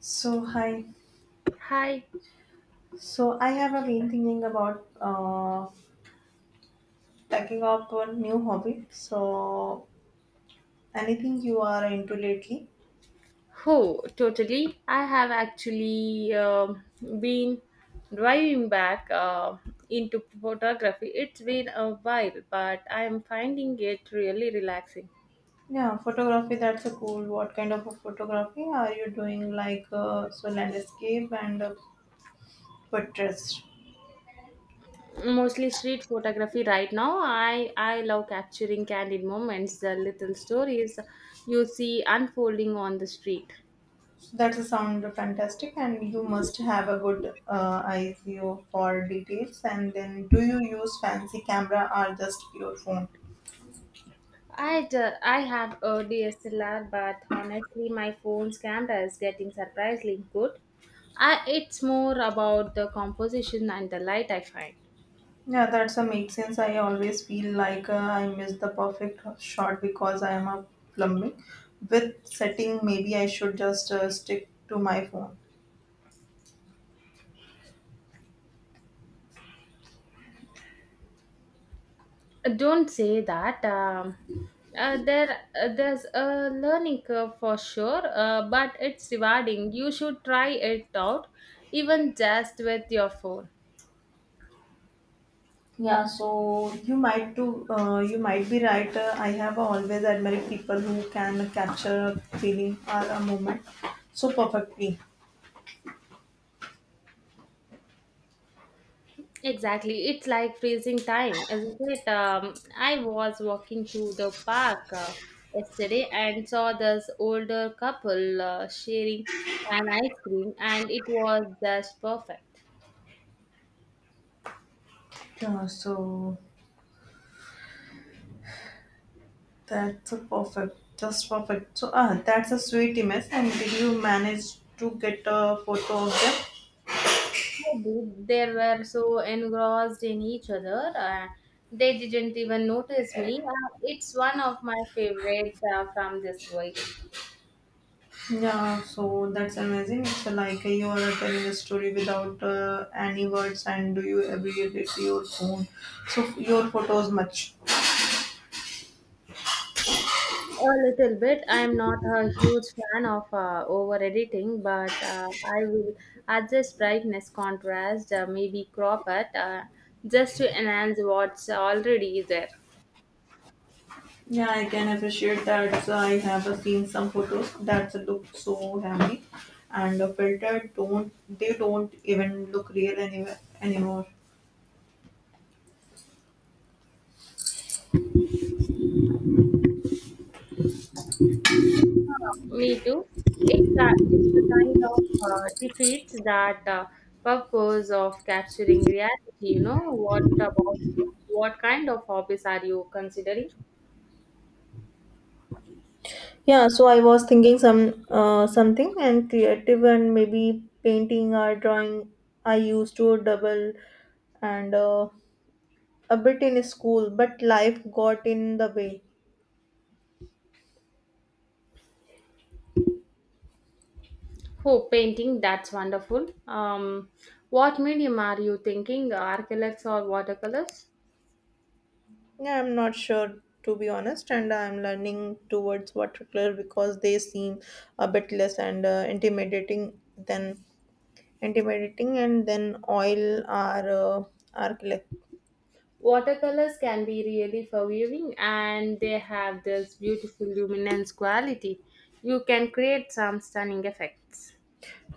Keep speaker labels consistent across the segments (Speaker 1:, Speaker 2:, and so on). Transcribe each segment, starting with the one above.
Speaker 1: So hi.
Speaker 2: Hi.
Speaker 1: I have been thinking about taking up a new hobby. So anything you are into lately?
Speaker 2: Oh, totally. I have actually been driving back into photography. It's been a while, but I am finding it really relaxing.
Speaker 1: Yeah, photography. That's a cool. What kind of a photography are you doing? Like so landscape and portraits.
Speaker 2: Mostly street photography right now. I love capturing candid moments, the little stories you see unfolding on the street.
Speaker 1: So that's a sound fantastic, and you must have a good eye view for details. And then, do you use fancy camera or just your phone?
Speaker 2: I have a DSLR, but honestly, my phone's camera is getting surprisingly good. I, it's more about the composition and the light I find.
Speaker 1: Yeah, that's a make sense. I always feel like I missed the perfect shot because I am a plumbing. With setting, maybe I should just stick to my phone.
Speaker 2: Don't say that. Uh, there, there's a learning curve for sure, but it's rewarding. You should try it out, even just with your phone.
Speaker 1: Yeah, so you might too. You might be right. I have always admired people who can capture a feeling or a moment so perfectly.
Speaker 2: Exactly. It's like freezing time, isn't it? I was walking through the park yesterday and saw this older couple sharing an ice cream, and it was just perfect.
Speaker 1: Yeah, so that's a perfect, just perfect. So ah, that's a sweet image. And did you manage to get a photo of them?
Speaker 2: I did. They were so engrossed in each other, they didn't even notice me. It's one of my favorites from this week.
Speaker 1: Yeah, so that's amazing. It's like you are telling a story without any words, and do you ever edit your phone? So your photos much.
Speaker 2: A little bit. I'm not a huge fan of over editing, but I will adjust brightness, contrast, maybe crop it just to enhance what's already there.
Speaker 1: Yeah, I can appreciate that. So I have seen some photos that look so heavy, and the filter don't they don't even look real anywhere anymore.
Speaker 2: Me too. It's a kind of defeats that purpose of capturing reality, you know. What about you? What kind of hobbies are you considering?
Speaker 1: Yeah, so I was thinking some something and creative and maybe painting or drawing. I used to double and a bit in school, but life got in the way.
Speaker 2: Oh, painting, that's wonderful. What medium are you thinking, acrylics or watercolors?
Speaker 1: Yeah, I'm not sure to be honest, and I'm learning towards watercolor because they seem a bit less and intimidating than intimidating, and then oil are acrylic.
Speaker 2: Watercolors can be really forgiving and they have this beautiful luminance quality. You can create some stunning effects.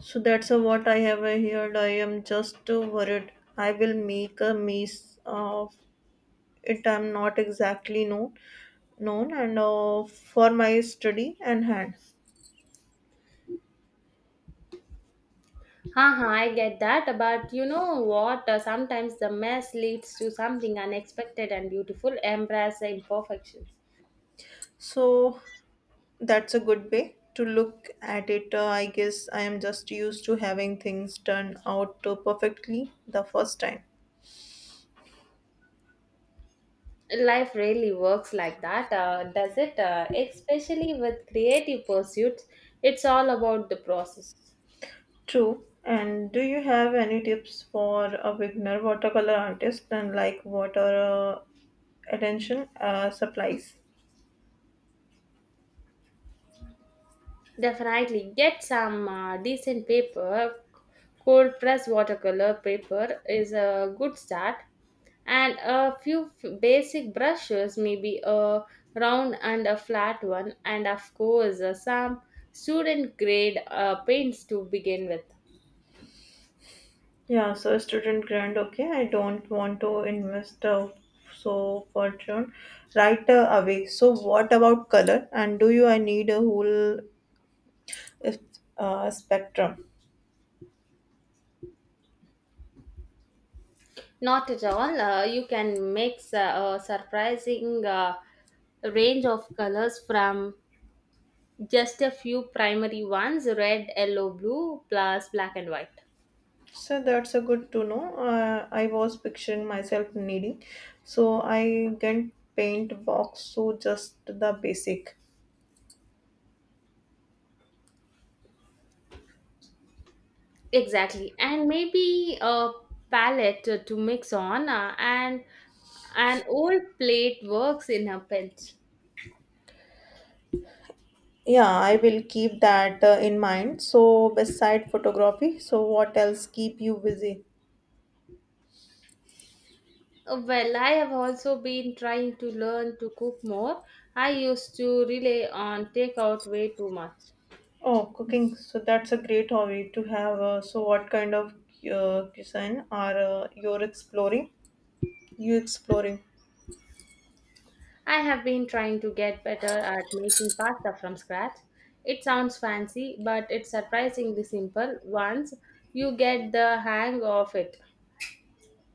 Speaker 1: So that's what I have heard. I am just worried. I will make a mess of it. I'm not exactly known and for my study and hand.
Speaker 2: Haha, I get that, but you know what? Sometimes the mess leads to something unexpected and beautiful. Embrace the imperfections.
Speaker 1: So that's a good way to look at it. I guess I am just used to having things turn out perfectly the first time.
Speaker 2: Life really works like that does it especially with creative pursuits, it's all about the process.
Speaker 1: True. And do you have any tips for a beginner watercolor artist and like what are attention supplies?
Speaker 2: Definitely get some decent paper, cold press watercolor paper is a good start, and a few basic brushes, maybe a round and a flat one, and of course some student grade paints to begin with.
Speaker 1: Yeah, so student grant, okay. I don't want to invest so fortune right away. So what about color? And do you I need a whole spectrum?
Speaker 2: Not at all. You can mix a surprising range of colors from just a few primary ones, red, yellow, blue, plus black and white.
Speaker 1: So that's a good to know. I was picturing myself needing, so I can paint box, so just the basic.
Speaker 2: Exactly. And maybe a palette to mix on, and an old plate works in a pinch.
Speaker 1: Yeah, I will keep that in mind. So beside photography, so what else keep you busy?
Speaker 2: Well, I have also been trying to learn to cook more. I used to rely on takeout way too much.
Speaker 1: Oh, cooking. So that's a great hobby to have. So what kind of cuisine are you're exploring? You exploring?
Speaker 2: I have been trying to get better at making pasta from scratch. It sounds fancy, but it's surprisingly simple once you get the hang of it.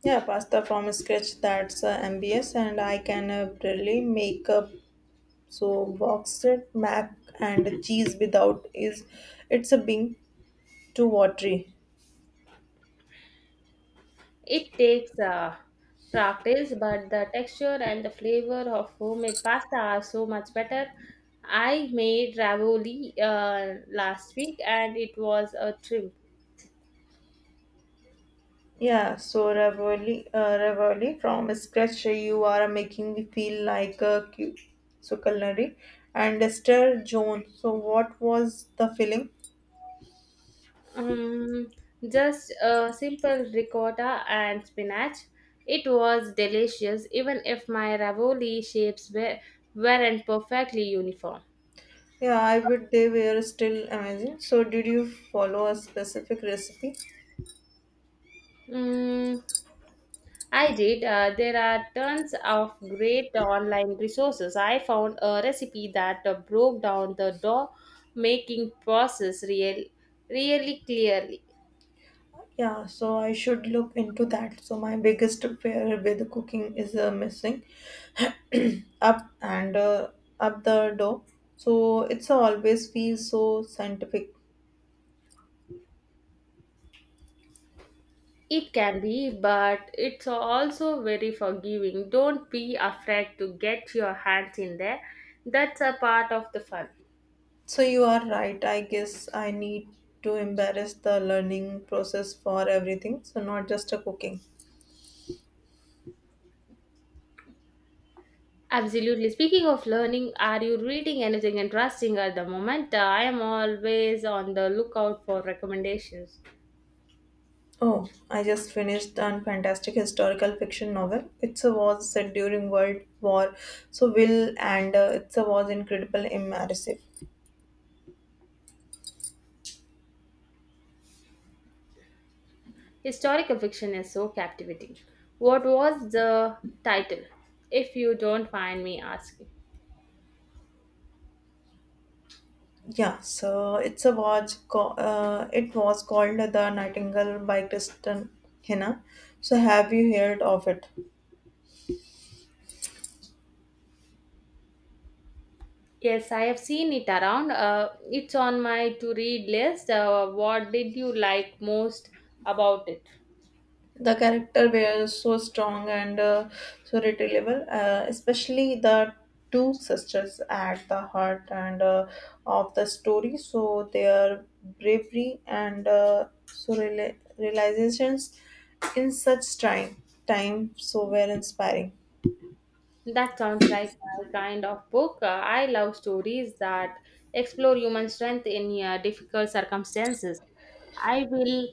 Speaker 1: Yeah, pasta from scratch. That's MBS, and I can really make a. So boxed mac and cheese without is it's a being too watery.
Speaker 2: It takes practice, but the texture and the flavor of homemade pasta are so much better. I made ravioli last week and it was a trip.
Speaker 1: Yeah, so ravioli, ravioli from scratch you are making me feel like a so culinary and Esther Joan. So what was the film?
Speaker 2: Um, just a simple ricotta and spinach. It was delicious, even if my weren't perfectly uniform.
Speaker 1: Yeah, I would they were still amazing. So did you follow a specific recipe?
Speaker 2: Mm, I did. There are tons of great online resources. I found a recipe that broke down the dough making process really clearly.
Speaker 1: Yeah, so I should look into that. So my biggest fear with cooking is missing up and up the door, so it's always feels so scientific.
Speaker 2: It can be, but it's also very forgiving. Don't be afraid to get your hands in there. That's a part of the fun.
Speaker 1: So you are right, I guess I need to embarrass the learning process for everything, so not just a cooking.
Speaker 2: Absolutely. Speaking of learning, are you reading anything interesting at the moment? I am always on the lookout for recommendations.
Speaker 1: Oh, I just finished a fantastic historical fiction novel. It's a was set during world war so will and it's a was incredible immersive.
Speaker 2: Historical fiction is so captivating. What was the title? If you don't mind me asking.
Speaker 1: Yeah, so it's a watch. It was called The Nightingale by Kristen Hanna. So have you heard of it?
Speaker 2: Yes, I have seen it around. It's on my to read list. What did you like most about it?
Speaker 1: The character were so strong and so relatable, especially the two sisters at the heart and of the story. So their bravery and so realizations in such time so were inspiring.
Speaker 2: That sounds like my kind of book. I love stories that explore human strength in difficult circumstances. I will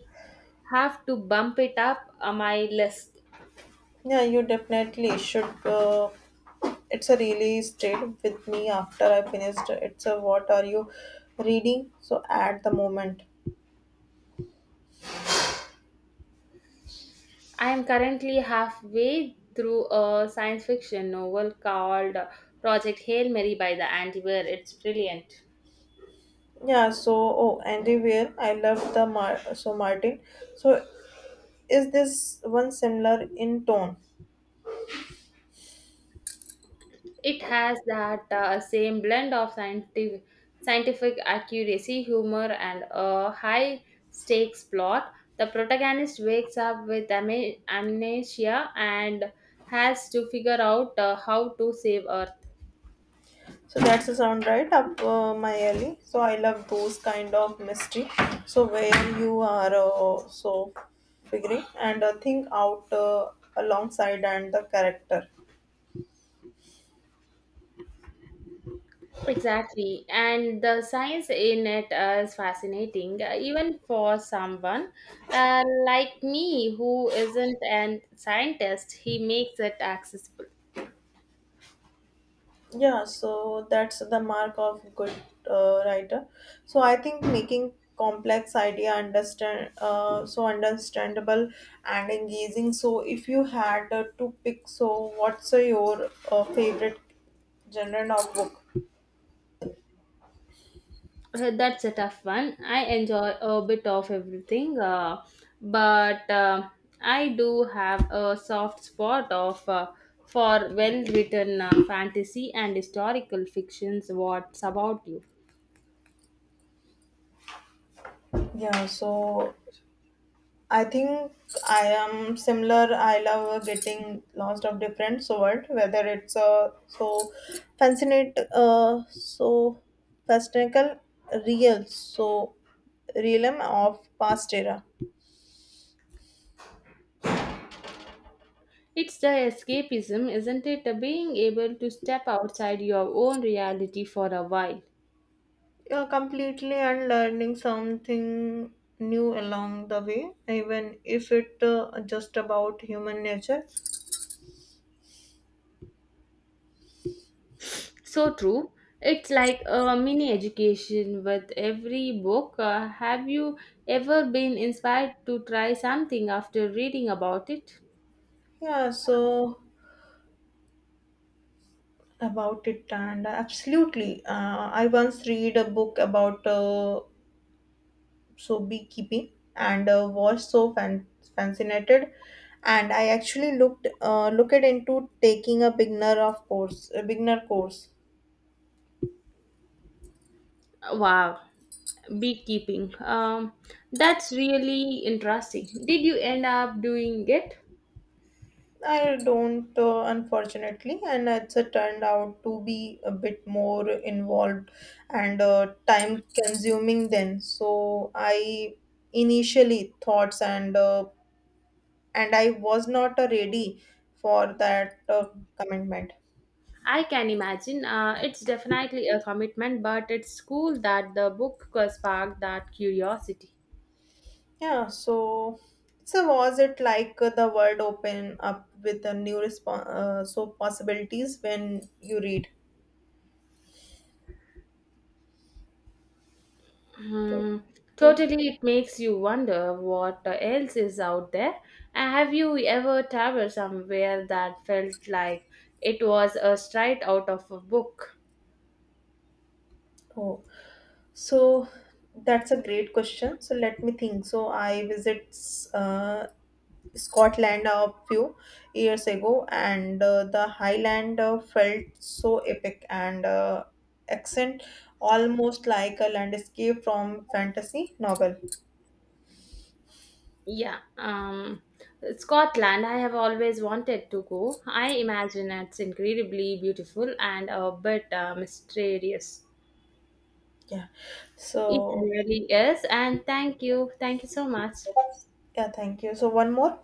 Speaker 2: have to bump it up on my list.
Speaker 1: Yeah, you definitely should. It's a really stayed with me after I finished. It's a what are you reading? So at the moment,
Speaker 2: I am currently halfway through a science fiction novel called Project Hail Mary by the Antiware. It's brilliant.
Speaker 1: yeah. So oh, Andy Weir, I love the so Martin. So is this one similar in tone?
Speaker 2: It has that same blend of scientific accuracy, humor, and a high stakes plot. The protagonist wakes up with amnesia and has to figure out how to save Earth.
Speaker 1: So that's the sound right up my alley. So I love those kind of mystery. So where you are so figuring and think out alongside and the character.
Speaker 2: Exactly, and the science in it is fascinating, even for someone like me who isn't a scientist. He makes it accessible.
Speaker 1: Yeah, so that's the mark of good writer. So I think making complex idea understand so understandable and engaging. So if you had to pick, so what's your favorite genre of book?
Speaker 2: That's a tough one. I enjoy a bit of everything, but I do have a soft spot of for well-written fantasy and historical fictions. What's about you?
Speaker 1: Yeah, so I think I am similar. I love getting lots of different sort, whether it's so so fascinacal, real, so realm of past era.
Speaker 2: It's the escapism, isn't it? Being able to step outside your own reality for a while.
Speaker 1: Yeah, completely and learning something new along the way, even if it just about human nature.
Speaker 2: So true. It's like a mini education with every book. Have you ever been inspired to try something after reading about it?
Speaker 1: Yeah, so about it, and absolutely. I once read a book about so beekeeping and was so fascinated and I actually looked into taking a beginner of course a beginner course.
Speaker 2: Wow, beekeeping. That's really interesting. Did you end up doing it?
Speaker 1: I don't unfortunately and it's turned out to be a bit more involved and time consuming then so I initially thoughts and I was not ready for that commitment.
Speaker 2: I can imagine. It's definitely a commitment, but it's cool that the book sparked that curiosity.
Speaker 1: Yeah, so was it like the world open up with a new response so possibilities when you read? To-
Speaker 2: Hmm,
Speaker 1: Totally.
Speaker 2: totally, it makes you wonder what else is out there. And have you ever traveled somewhere that felt like it was a straight out of a book?
Speaker 1: Oh, so that's a great question. So let me think. So I visit uh, Scotland a few years ago, and the Highland felt so epic and accent almost like a landscape from fantasy novel.
Speaker 2: Yeah, Scotland, I have always wanted to go. I imagine it's incredibly beautiful and a bit mysterious.
Speaker 1: Yeah.
Speaker 2: It
Speaker 1: So
Speaker 2: really is, and thank you. Thank you so much.
Speaker 1: yeah, thank you. So, one more?